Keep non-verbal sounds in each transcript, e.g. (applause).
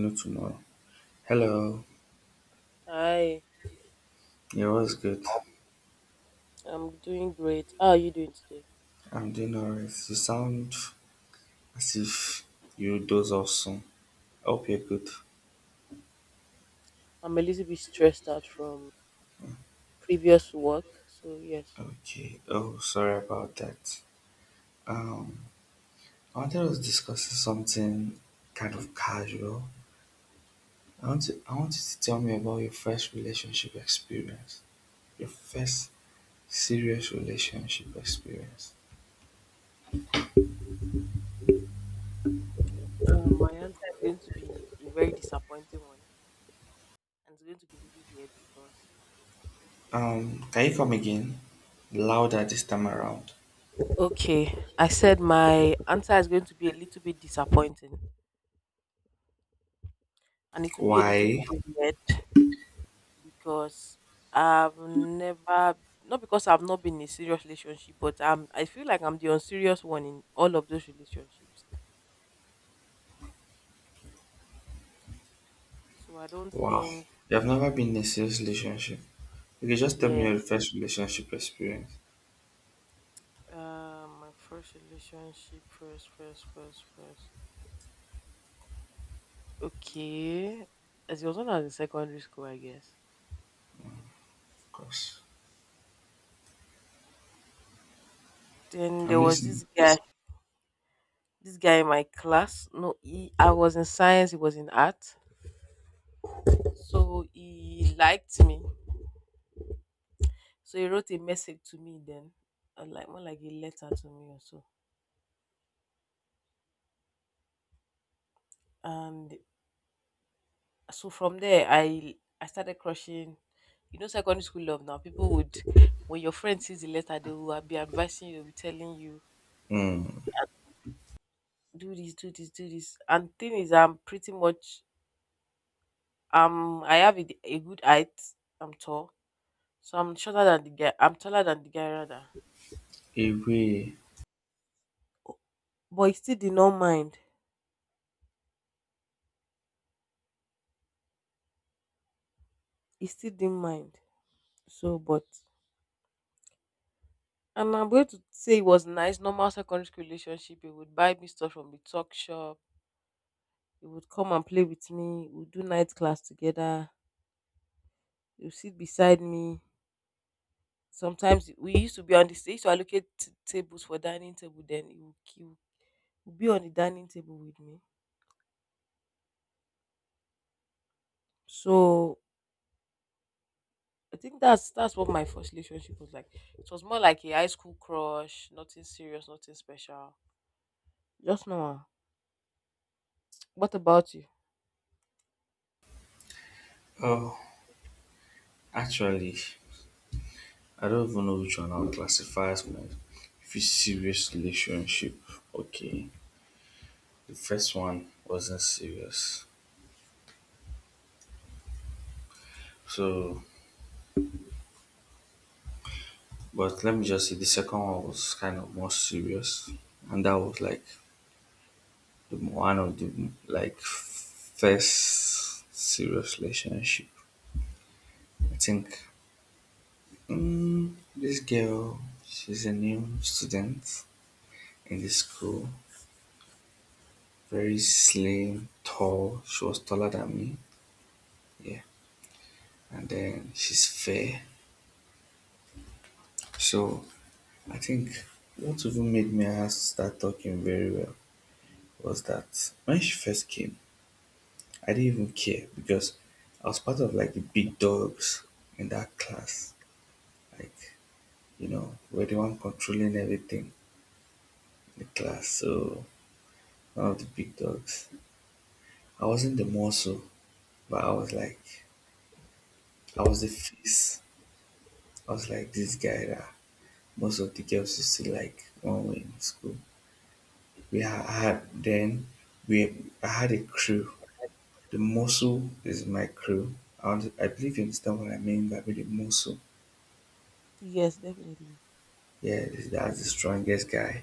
No tomorrow. Hello. Hi, Yeah, what's good? I'm doing great. How are you doing today? I'm doing alright. You sound as if you doze off soon. Hope you're good. I'm a little bit stressed out from previous work, so yes. Okay. Oh, sorry about that. Um, I wanted us discussing something kind of casual. I want you to tell me about your first relationship experience. Your first serious relationship experience. My answer is going to be a very disappointing one, and it's going to be really weird because. Can you come again? Louder this time around. Okay, I said my answer is going to be a little bit disappointing, and it will be a little bit Why? weird because I've never, not because I've not been in a serious relationship, but I feel like I'm the unserious one in all of those relationships. So I don't Wow. think, You have never been in a serious relationship. You can just tell me yeah. your first relationship experience. My first relationship, first. Okay, as it was when I was in secondary school, I guess. Of course. Then I'm there was listening. This guy in my class. No, he, I was in science, he was in art, so he liked me. So he wrote a message to me then, like more like a letter to me or so. And so from there, I started crushing. You know, secondary school love now. When your friend sees the letter, they will be advising you, will be telling you Hmm. do this, do this, do this. And thing is, I'm pretty much I have a good height. I'm tall, so I'm shorter than the guy. I'm taller than the guy rather. Away. But he still did not mind. He still didn't mind. So, but and I'm going to say it was nice, normal secondary school relationship. He would buy me stuff from the talk shop. He would come and play with me. We'd do night class together. He would sit beside me. Sometimes we used to be on the stage to allocate tables for dining table. Then he would would be on the dining table with me. So I think that's what my first relationship was like. It was more like a high school crush, nothing serious, nothing special. Just normal. What about you? Oh, actually, I don't even know which one I'll classify as my if it's serious relationship. Okay. The first one wasn't serious. So, but let me just say the second one was kind of more serious. And that was like the one of the like first serious relationship. I think, this girl, she's a new student in the school. Very slim, tall. She was taller than me. Yeah. And then she's fair. So I think what even made me and her start talking very well was that when she first came, I didn't even care because I was part of like the big dogs in that class. Like, you know, we're the one controlling everything in the class. So one of the big dogs. I wasn't the muscle, but I was the face. I was like this guy that most of the girls used to like when we were in school. I had then we I had a crew. The muscle is my crew. I believe you understand what I mean by the muscle. Yes, definitely. Yeah, that's the strongest guy.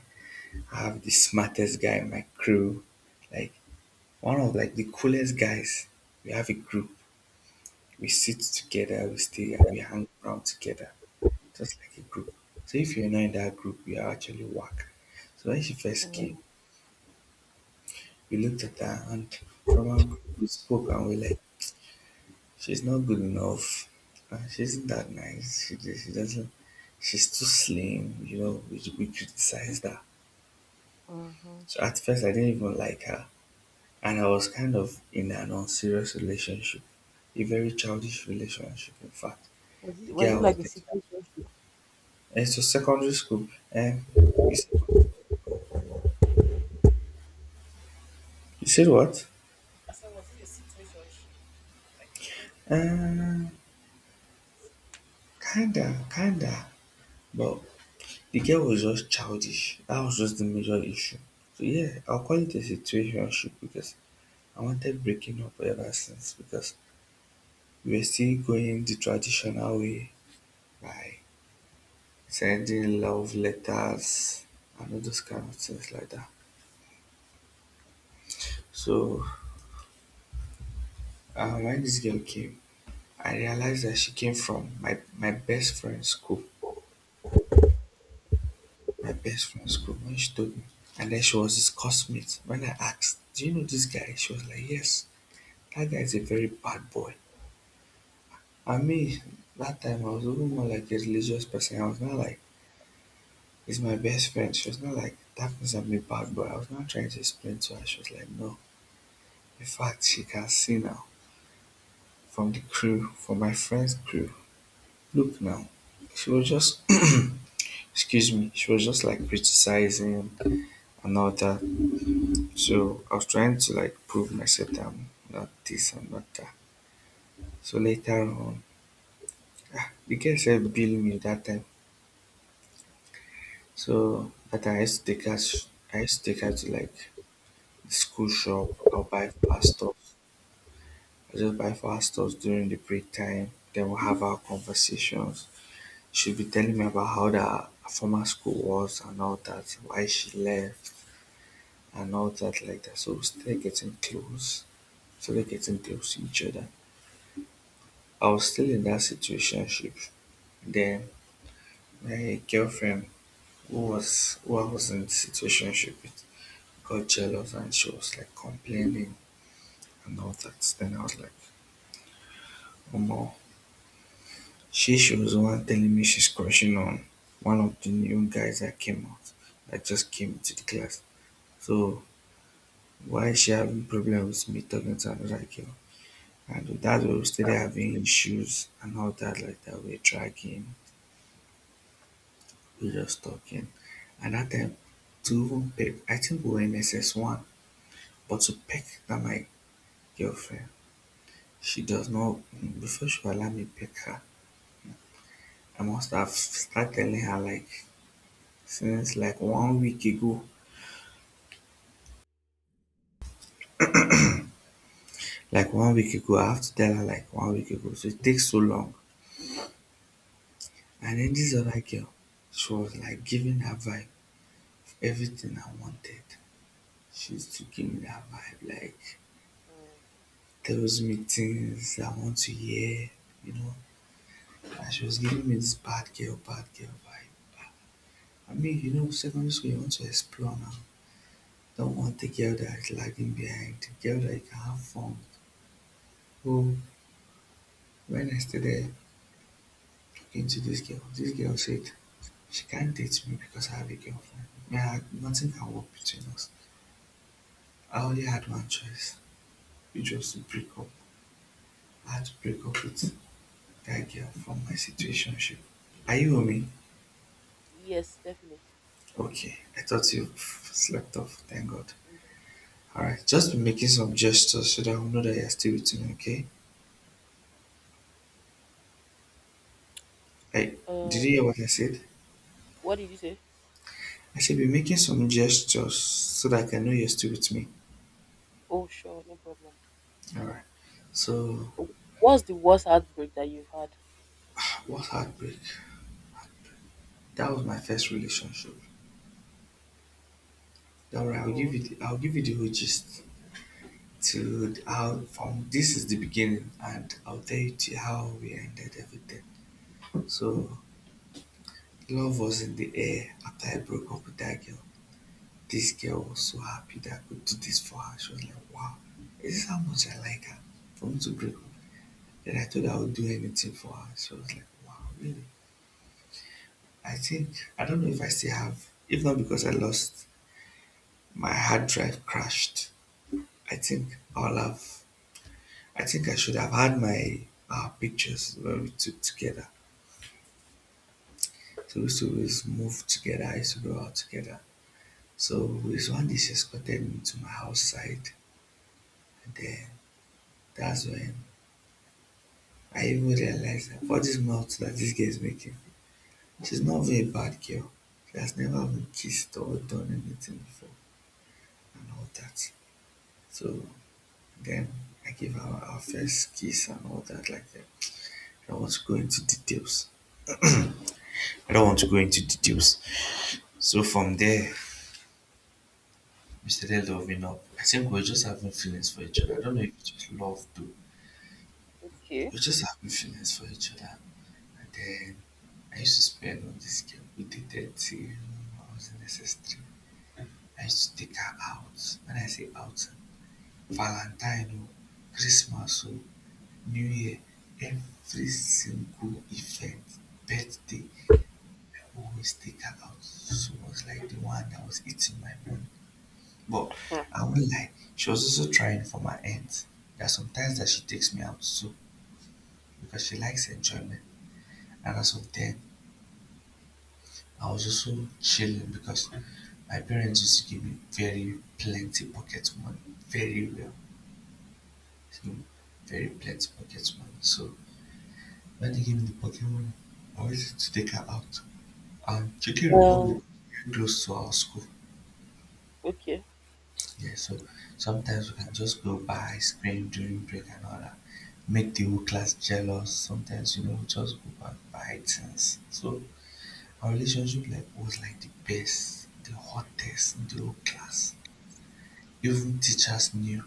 I have the smartest guy in my crew. Like one of like the coolest guys. We have a group. We sit together. We stay. We hang around together. Just like a group. So if you're not in that group, you are actually whack. So when she first came, Mm, we looked at her and from our group we spoke and we like, she's not good enough. She's not that nice. She doesn't. She's too slim. You know, we criticized her. mhm. So at first I didn't even like her, and I was kind of in an unserious relationship, a very childish relationship. In fact, Was the it was girl it I was like a dating. situation? And so secondary school. Um, you said, you said what? I said, was it a situationship? Like a friend to benefit? Uh, Kinda, kinda, but the girl was just childish. That was just the major issue. So yeah, I'll call it a situationship because I wanted breaking up ever since because we were still going the traditional way by sending love letters and all those kind of things like that. So when this girl came, I realized that she came from my best friend's school. My best friend's school when she told me. And then she was his classmate. When I asked, do you know this guy? She was like, yes, that guy is a very bad boy. And me, that time I was even more like a religious person. I was not like, he's my best friend. She was not like, that means I'm a bad boy. I was not trying to explain to her. She was like, no. In fact, she can see now from the crew, from my friend's crew. Look now. She was just, (clears throat) excuse me, she was just like criticizing and all that. So I was trying to like prove myself that I'm not this, I'm not that. So later on, the girl said bill me that time. So that I used to take her to like the school shop. I'll buy for her stuff. I just buy for her stuff during the break time. Then we'll have our conversations. She'll be telling me about how the former school was and all that, why she left and all that like that. So we started getting close to each other. I was still in that situation. Then my girlfriend who I was in situationship with got jealous and she was like complaining and all that. Then I was like, Omo, she was the one telling me she's crushing on one of the new guys that came out that just came into the class. So why is she having problems with me talking to another girl? And with that way we were still having issues and all that like that. We're dragging, we're just talking. And at that time two people I think we were in S S one. But to peck at my girlfriend, she does not before she will allow me peck her, I must have started telling her like since like one week ago. Like one week ago, I have to tell her like one week ago. So it takes so long. And then this other girl, she was like giving her vibe everything I wanted. She used to give me that vibe, like Mm, tells me things I want to hear, you know. And she was giving me this bad girl vibe. I mean, you know, secondary school you want to explore now. Don't want the geldite lagging behind. The Geldite half-formed. Oh, when I stood there talking to this girl said, she can't date me because I have a girlfriend. Yeah, nothing can work between us. I only had one choice, which was to break up. I had to break up with that girl from my situationship. Are you with me? yes, definitely. Okay, I thought you slept off, thank God. Mm. Alright, just be making some gestures so that I will know that you're still with me, okay? Hey, Uh, did you hear what I said? what did you say? I should be making some gestures so that I can know you're still with me. Oh, sure, no problem. Alright. So What's the worst heartbreak that you've had? what heartbreak? That was my first relationship. Don't worry, Oh, okay, I'll give you the whole gist to okay, how from this is the beginning and I'll tell you to how we ended everything. So love was in the air after I broke up with that girl. This girl was so happy that I could do this for her. She was like, wow, is this how much I like her? For me to break up. Then I thought I would do anything for her. She was like, wow, really? I think I don't know if I still have. If not because I lost my hard drive crashed, I think I'll have. I think I should have had my pictures when we took together. So we used to always move together. I used to go out together. So this one day she escorted me to my house side, and then that's when I even realized that for this mouth that this girl is making, she's not even a bad girl. She has never been kissed or done anything before and all that. So then I gave her our first kiss and all that like that. I don't want to go into details. I don't want to go into details. So from there, we started loving up. I think we are just having feelings for each other. I don't know if it was love though. okay. We are just having feelings for each other. And then I used to spend on this girl. We dated till I was in SS3. I used to take her out. When I say out, Valentine, oh, Christmas, oh, New Year, every single event, birthday, I always take her out. She was like the one that was eating my money. But Hmm. I won't lie, she was also trying for my aunt. There are sometimes that she takes me out too because she likes enjoyment. And as of then, I was also chilling because my parents used to give me very plenty pocket money, very well, you know, very plenty pocket money. So when they give me the pocket money, I always used to take her out. Czech Um, Republic very close to our school. okay. Yeah, so sometimes we can just go buy ice cream during break and all that. Make the whole class jealous. Sometimes, you know, we just go back buy things. So our relationship like was like the best, the hottest in the whole class. Even teachers knew,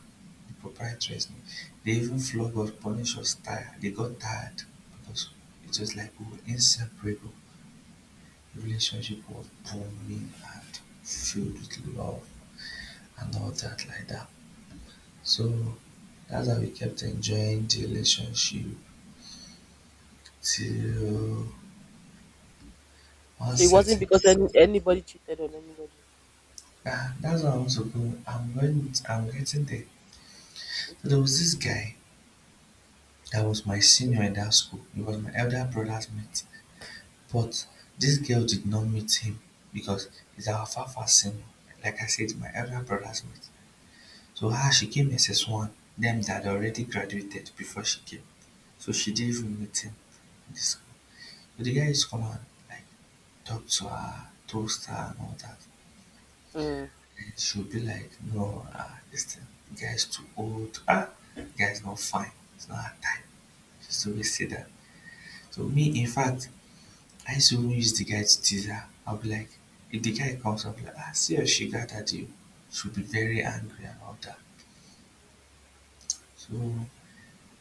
the proprietors knew. They even flogged us, punished us tired. They got tired because it was like we were inseparable. The relationship was booming and filled with love. And all that like that. So that's how we kept enjoying the relationship till one So it wasn't certain because anybody cheated on anybody. That's what I want to I'm getting there. So there Okay. was this guy that was my senior in that school. He was my elder brother's mate. But this girl did not meet him because he's our far far senior. Like I said, my elder brother's mate. So she came SS1, them that already graduated before she came. So she didn't even meet him in the school. The guy is common, like Topsoa, Toaster and all that. Mm. And she'll be like, "No, ah, this thing, the guy is too old. The guy is not fine. It's not her time." She's always say that. So me, in fact, I used to even use the guy to tease her. I'll be like, if the guy comes up like, ah, see how she got at you, she'll be very angry and all that. So,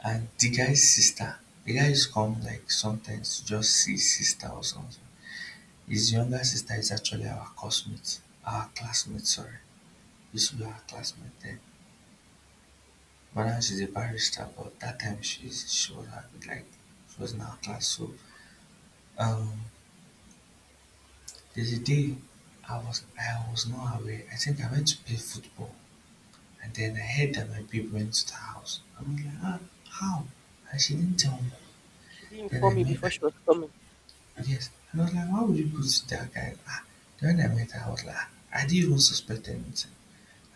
and the guy's sister, the guy used to come like sometimes to just see sister or something. His younger sister is actually our classmate. Our classmate, sorry, used to be our classmate then. But now she's a barrister, but that time she was like she was in our class. So um there's a day I was not aware. I think I went to play football and then I heard that my babe went to the house. I'm like, ah, how? And she didn't tell me. She didn't Then I inform me met before her. she was coming. Yes. And I was like, why would you go to that guy? Ah, then when I met her, I was like, ah, I didn't even suspect anything.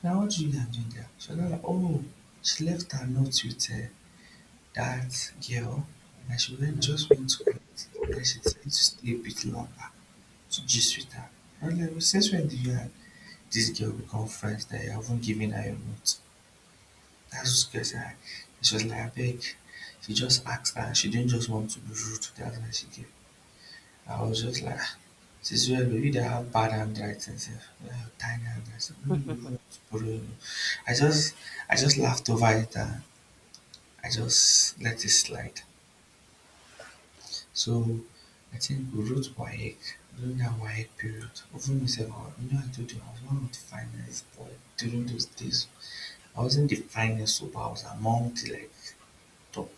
Now what Julia do there? She was like, oh, she left her note with that girl and she just went to collect and then she decided to stay a bit longer to gist with her. I was like, since when did you and this girl become friends that you haven't given her your note? That's what she said. She was like, I beg. She just asked her and she didn't just want to be rude to the other, she gave. I was just like, "Ah, this is where we they have bad handwriting, sef. They have tiny handwriting. Me, you I just, I just laughed over it and I just let it slide." So I think we wrote WAEC during that WAEC period. Even myself, I- you know, I told you I was one of the finest boy during those days. I wasn't the finest, so but I was among the like top.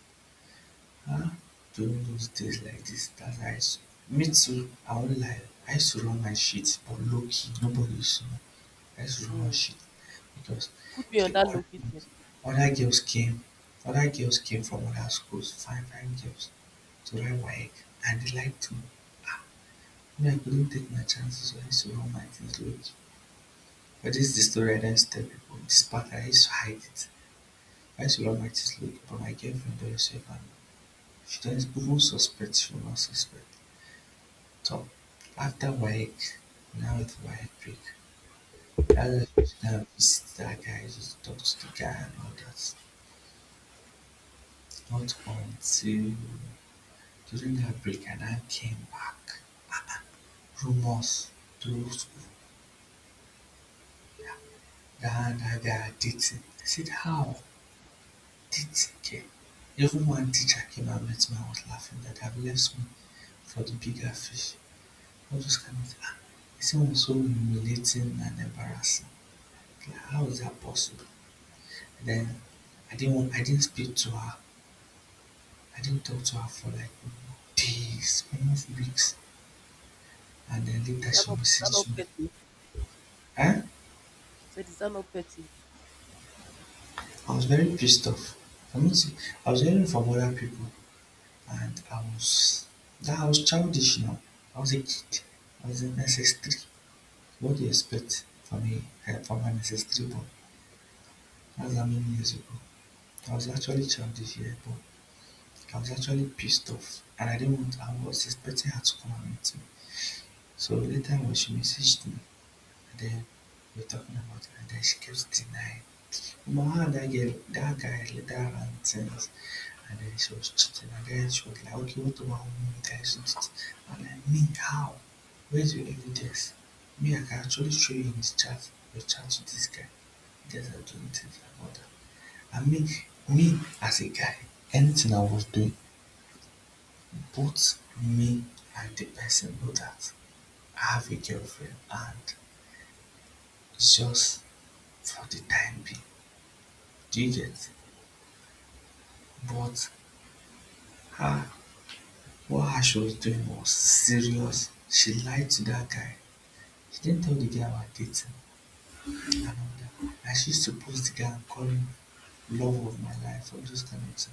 Huh? During those days like this that I s- me too, I won't lie, I used to run my shit, but low key, nobody used to know. I used to run my Mm. shit because Put me on the that other, low kidney. other girls came, other girls came from other schools, fine, fine girls, to run WAEC, and they liked to. Ah, me, I couldn't take my chances, so I used to run my things low key. But this is the story I didn't tell people. This part I used to hide it. I used to run my things low key, but my girlfriend don't herself and she doesn't even suspect, she will not suspect. So Afterwards, Northwick later returned to visit that guy, just archives of guy and all that. Not until during that break and I came back. Rumors through that that guy dating. I said, how? Dating? Okay. Even one teacher came and met me and was laughing that I've left me for the bigger fish. All those kind of things. Ah, it seemed so humiliating and embarrassing. Like, how is that possible? Then I didn't speak to her. I didn't talk to her for like days, almost weeks. And then Is later that she not, is that not messaged me. petty? I Eh? said, is that not petty? I was very pissed off. I mean, see, I was hearing from other people, and I was that I was childish now. I was a kid. I was in SS3. What do you expect from me? Eh, from an SS3 boy? That's how many years ago. I was actually childish here, but I was actually pissed off, and I didn't want. I was expecting her to come and meet me. So later on, she messaged me and then we're talking about it and then she keeps denying. But how that girl that guy later her run things and then she was cheating and then she was like, okay, what about me that she did? I'm like, me, how? Where's your evidence? Me, I can actually show you in his chat your chat to this guy. You guys are doing things like all that. I mean, me as a guy, anything I was doing, both me and the person know that I have a girlfriend and just for the time being, do you get? But her, what her she was doing was serious. She lied to that guy. She didn't tell the guy about dating and all that. And she used to post the guy and call him love of my life, all those kind of things.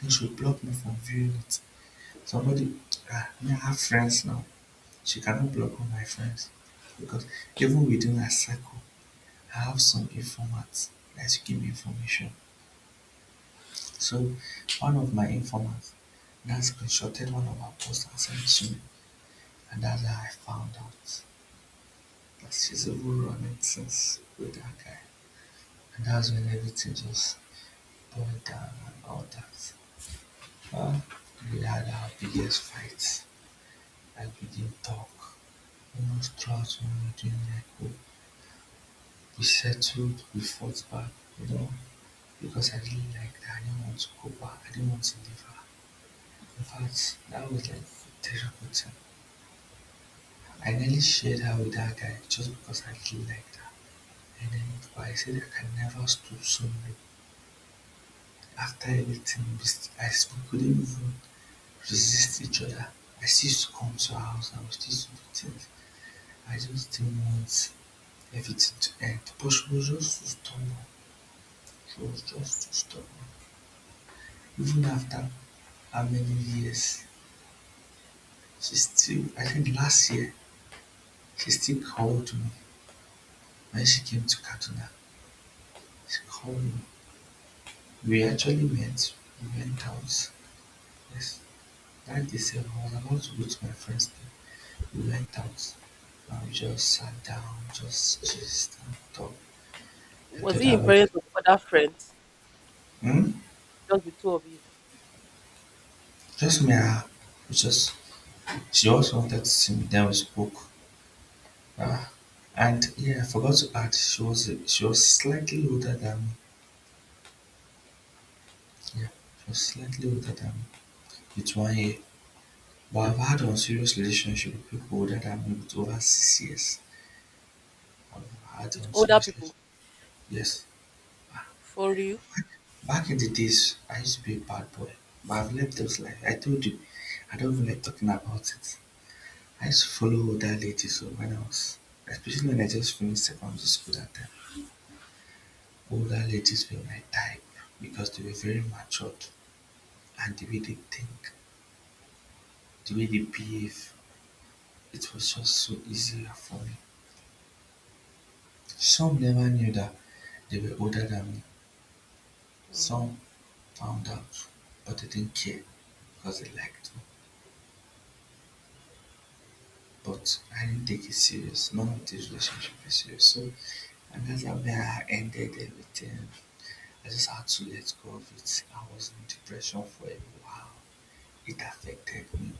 Then she would block me from viewing it. Somebody, ah, me, I have friends now. She cannot block all my friends because even within her circle, I have some informats that she give me information. So one of my informants that screenshotted one of our posts and sent it to me, and that's how I found out that she's even running things with that guy. And that's when everything just boiled down and all that. Uh, we had our biggest fights. Like we didn't talk almost throughout when we were doing that. Like we, settled, we fought back, you know, because I didn't like that. I didn't want to go back. I didn't want to leave her. In fact, that was like therapeutic. Finally shared her with her guy just because I really liked her, and then but I said I can never stoop so low. After everything we, s- I, s- we couldn't even resist each other. I used to come to her house and we used to do things. I just didn't want everything to end. But she was just too stubborn. She was just too stubborn. Even after how many years, she still, I think last year, she still called me when she came to Katuna. She called me. We actually went we went out, yes. That December I was about to with my friends then. We went out and we just sat down, just and talked and Was thought he in about it. presence of other friends? Hmm? Just the two of you. Just me and her. We just she also wanted to see me, then we spoke. Uh, and yeah, I forgot to add she was slightly older than me. Yeah, she was slightly older than me. It's 1 year. But I've had unserious relationship with people older than me with over 6 years. I've had With unserious older relationship. people. Yes. For real? Back in the days, I used to be a bad boy, but I've left those life. I told you, I don't even like talking about it. I used to follow older ladies so when I was, especially when I just finished secondary school that time. Older ladies were my type because they were very matured and the way they think, the way they behave, it was just so easier for me. Some never knew that they were older than me. Mm. Some found out, but they didn't care because they liked me. But I didn't take it serious. None of this relationship is serious. So and that's how I ended everything. I just had to let go of it. I was in depression for a while. It affected me.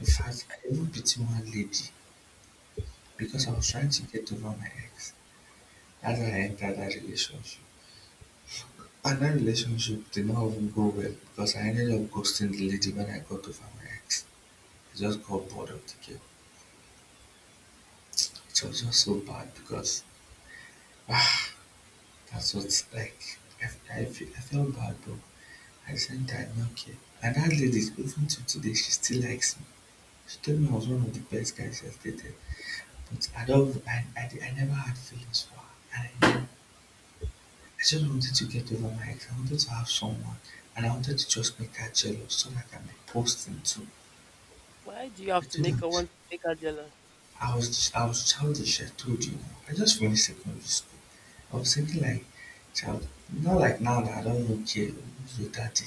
In fact, I So even pity one lady because I was trying to get over my ex. That's how I entered that relationship. And that relationship did not even go well because I ended up ghosting the lady when I got over my ex. I just got bored of the game. It was just so bad because (sighs) that's what, like, I felt bad, but I said that I did not care. And that lady, even to today, she still likes me. She told me I was one of the best guys she has dated. But I don't, I never had feelings for her. And I just wanted to get over my ex. I wanted to have someone. And I wanted to just make her jealous so that I can be posting too. why do you I have to told make them her want to make her jealous? I was childish, I told you. I just finished secondary school. I was thinking like, child, not like now that I don't even care who's your daddy.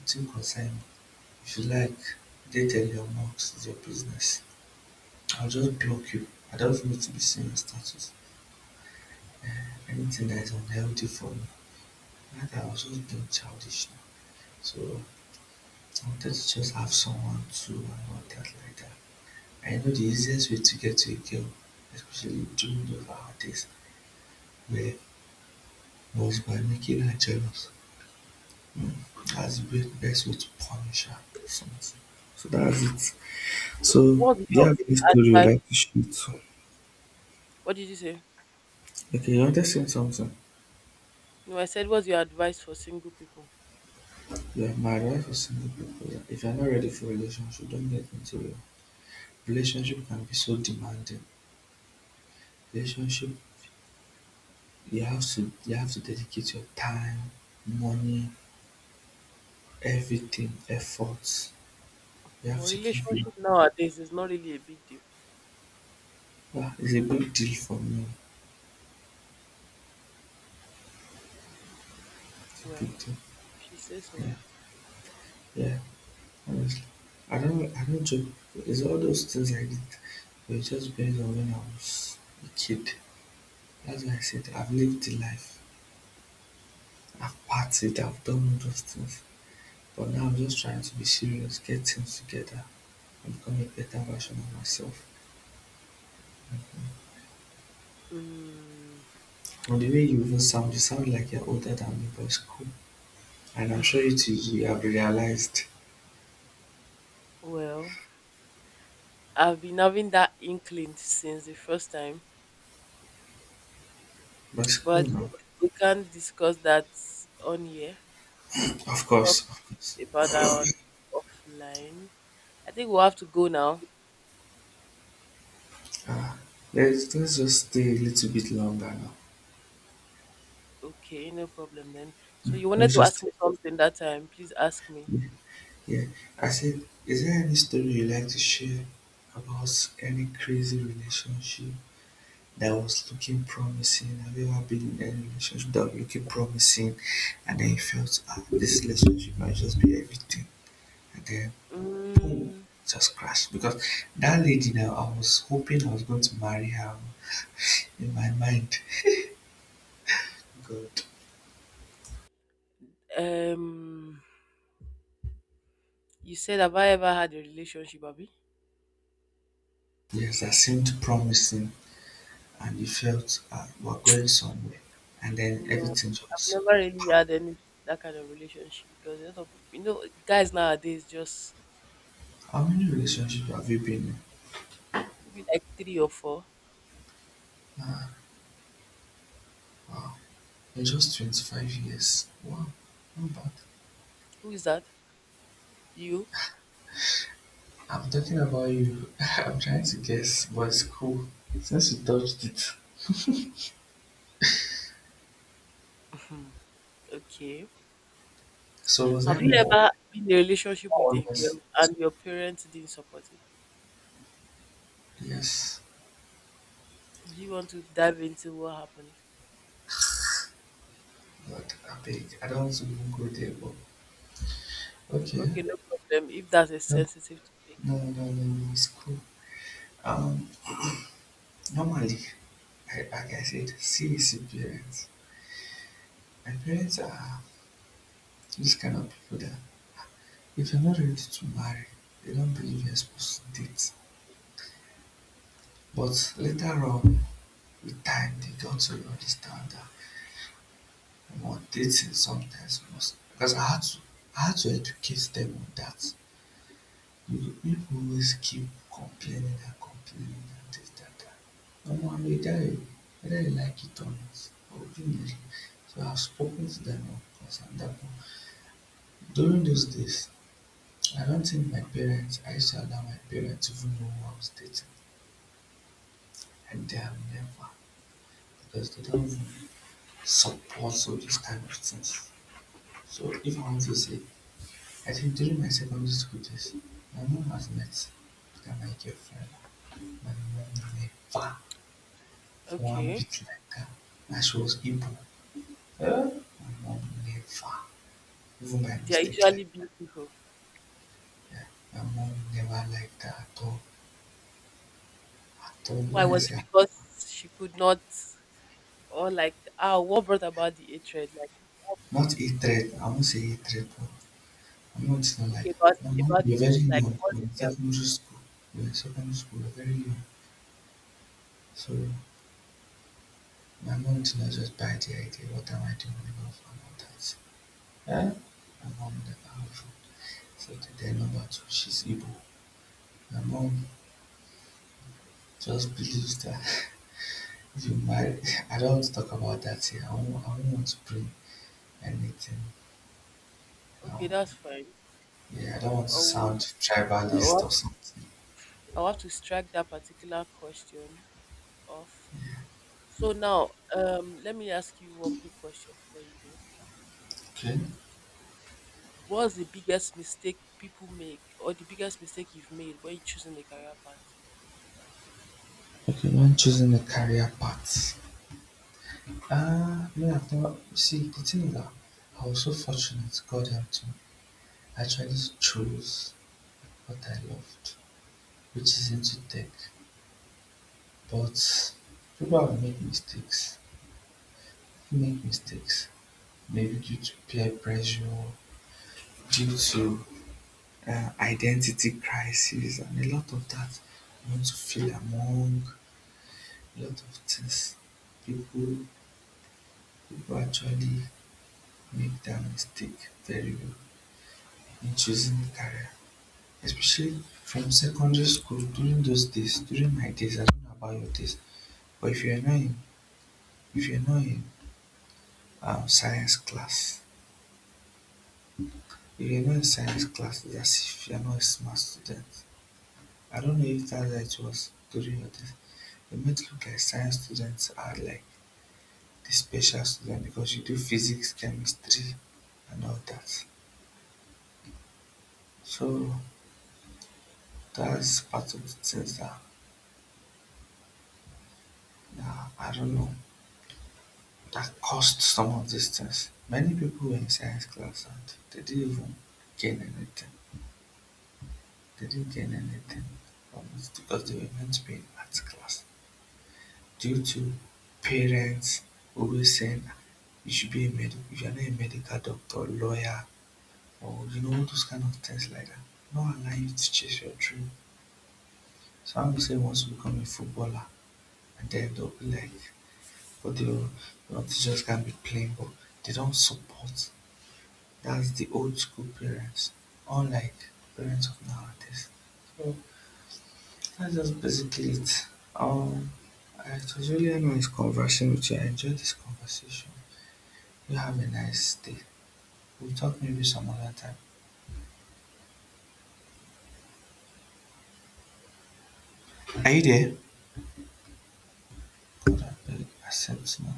Nothing concern me. If you like they tell your marks it's your business. I'll just block you. I don't need to be seeing your status. Anything that is unhealthy for me. Like I was just being childish now. So I wanted to just have someone to and all that like that. I know the easiest way to get to a girl, especially during those holidays, where was by making her jealous. Mm, that's the best way to punish her. Something. So that's it. So So, what's do you your have any story you advice? like to shoot? What did you say? Okay, you understand something? No, I said, what's your advice for single people? Yeah, my advice for single people, yeah, if you're not ready for a relationship, don't get into it. Relationship can be so demanding. Relationship, you have to dedicate your time, money, everything, efforts. You But have to give you relationship nowadays is not really a big deal. yeah, it's a big deal for me. It's a Well, big deal. if she says so. Yeah. Yeah. Honestly. I don't joke. It's all those things like that. But it's just based on when I was a kid. That's why I said I've lived the life. I've partied, I've done all those things. But now I'm just trying to be serious, get things together, and become a better version of myself. Mm, From the way you even sound, you sound like you're older than me, but it's cool. And I'm sure you too, you have realized. well, I've been having that inkling since the first time, But it's but cool I now. think we can not discuss that on here. We'll Of talk course, of course. about that on offline. I think we'll have to go now. Ah, let's just stay a little bit longer now. Okay, no problem then. So you wanted Let's to ask just me something that time? Please ask me. yeah. I said, is there any story you like to share about any crazy relationship that was looking promising. Have you ever been in any relationship that was looking promising and then you felt ah, this relationship might just be everything and then boom, Mm, just crashed because that lady now, I was hoping I was going to marry her in my mind. God, um, you said have I ever had a relationship, Abby? yes, that seemed promising and you felt ah, we're going somewhere and then No, everything I've just never really had any that kind of relationship because a lot of people, you know, guys nowadays just how many relationships have you been in? maybe like three or four. In just 25 years. Wow, not bad. Who is that? You? I'm talking about you. (laughs) I'm trying to guess, but it's cool. Since you touched it. Okay. So was I Have you more ever been in a relationship more with a honest? girl and your parents didn't support it? Yes. Do you want to dive into what happened? But I beg. I don't want to even go there, but okay. Okay, no problem. If that's a No, sensitive topic. no, no, no, no, it's cool. Um Normally, I like I said, CEC parents. My parents are those kind of people that if you're not ready to marry, they don't believe you're supposed to date. But later on, with time they got to understand that on dating sometimes must because I had to educate them on that. You people always keep complaining and complaining and this that that. No, and whether you like it or not, obviously. So I've spoken to them of course and that one. During those days, I don't think my parents I used to allow my parents to even know who I was dating. And they have never because they don't even support all these kind of things. So if I want to say I think during my secondary school days, my mom was has met that my girlfriend. My mom never for one Okay. bit like that. And she was Igbo. My mom never, even by They are mistake, like usually beautiful. my mom never liked that at all. At all. Why? When I Was it say because she could not or like ah what brought about the hatred? Like what? not a threat, I won't say a threat, but I'm it's not like Okay, that. My mom about the we very young. We dislike. What were in really happened? secondary school. We were in secondary school, we were very young. So my mom did not just buy the idea, what am I doing with my mom and all that. My mom among the powerful, so today number two, she's Igbo. My mom just believes that (laughs) if you marry, (laughs) I don't want to talk about that here. I don't want to bring anything. Um, Okay, that's fine. yeah, I don't want to I will, sound I tribalist will or something. I'll have to strike that particular question off. So now, let me ask you one quick question before you go. Okay. What's the biggest mistake people make, or the biggest mistake you've made when you're choosing a career path? Okay, when choosing a career path. Ah, no, I've never. See, the thing is that I was so fortunate, God helped me. I actually chose what I loved, which is into tech. But people have made mistakes, make mistakes, maybe due to peer pressure, due to identity crisis, and a lot of that. You want to feel among a lot of things. People, people actually make that mistake very well in choosing career, especially from secondary school during those days, during my days. I don't know about your days, but if you're not in, if you're not in science class, he remained science classes as if you're not a smart student. I don't know if that's how it was during your test. They made it look like science students are like the special student because you do physics, chemistry, and all that. So that's part of the things that, that I don't know that caused some of these things. Many people were in science class and they didn't even gain anything. They didn't gain anything from it because they were meant to be in arts class. Due to parents always saying you should be a medic, if you're not a medical doctor, lawyer, or you know those kind of things like that. Not allow you to chase your dream. Some say wants to become a footballer and then they'll be like but they will not just can't be playing but they don't support. That's the old school parents, unlike parents of nowadays. So that's just basically it. Um, I it was really a nice conversation with you. I enjoyed this conversation. You have a nice day. We'll talk maybe some other time. Are you there? Cora Berg accepts now.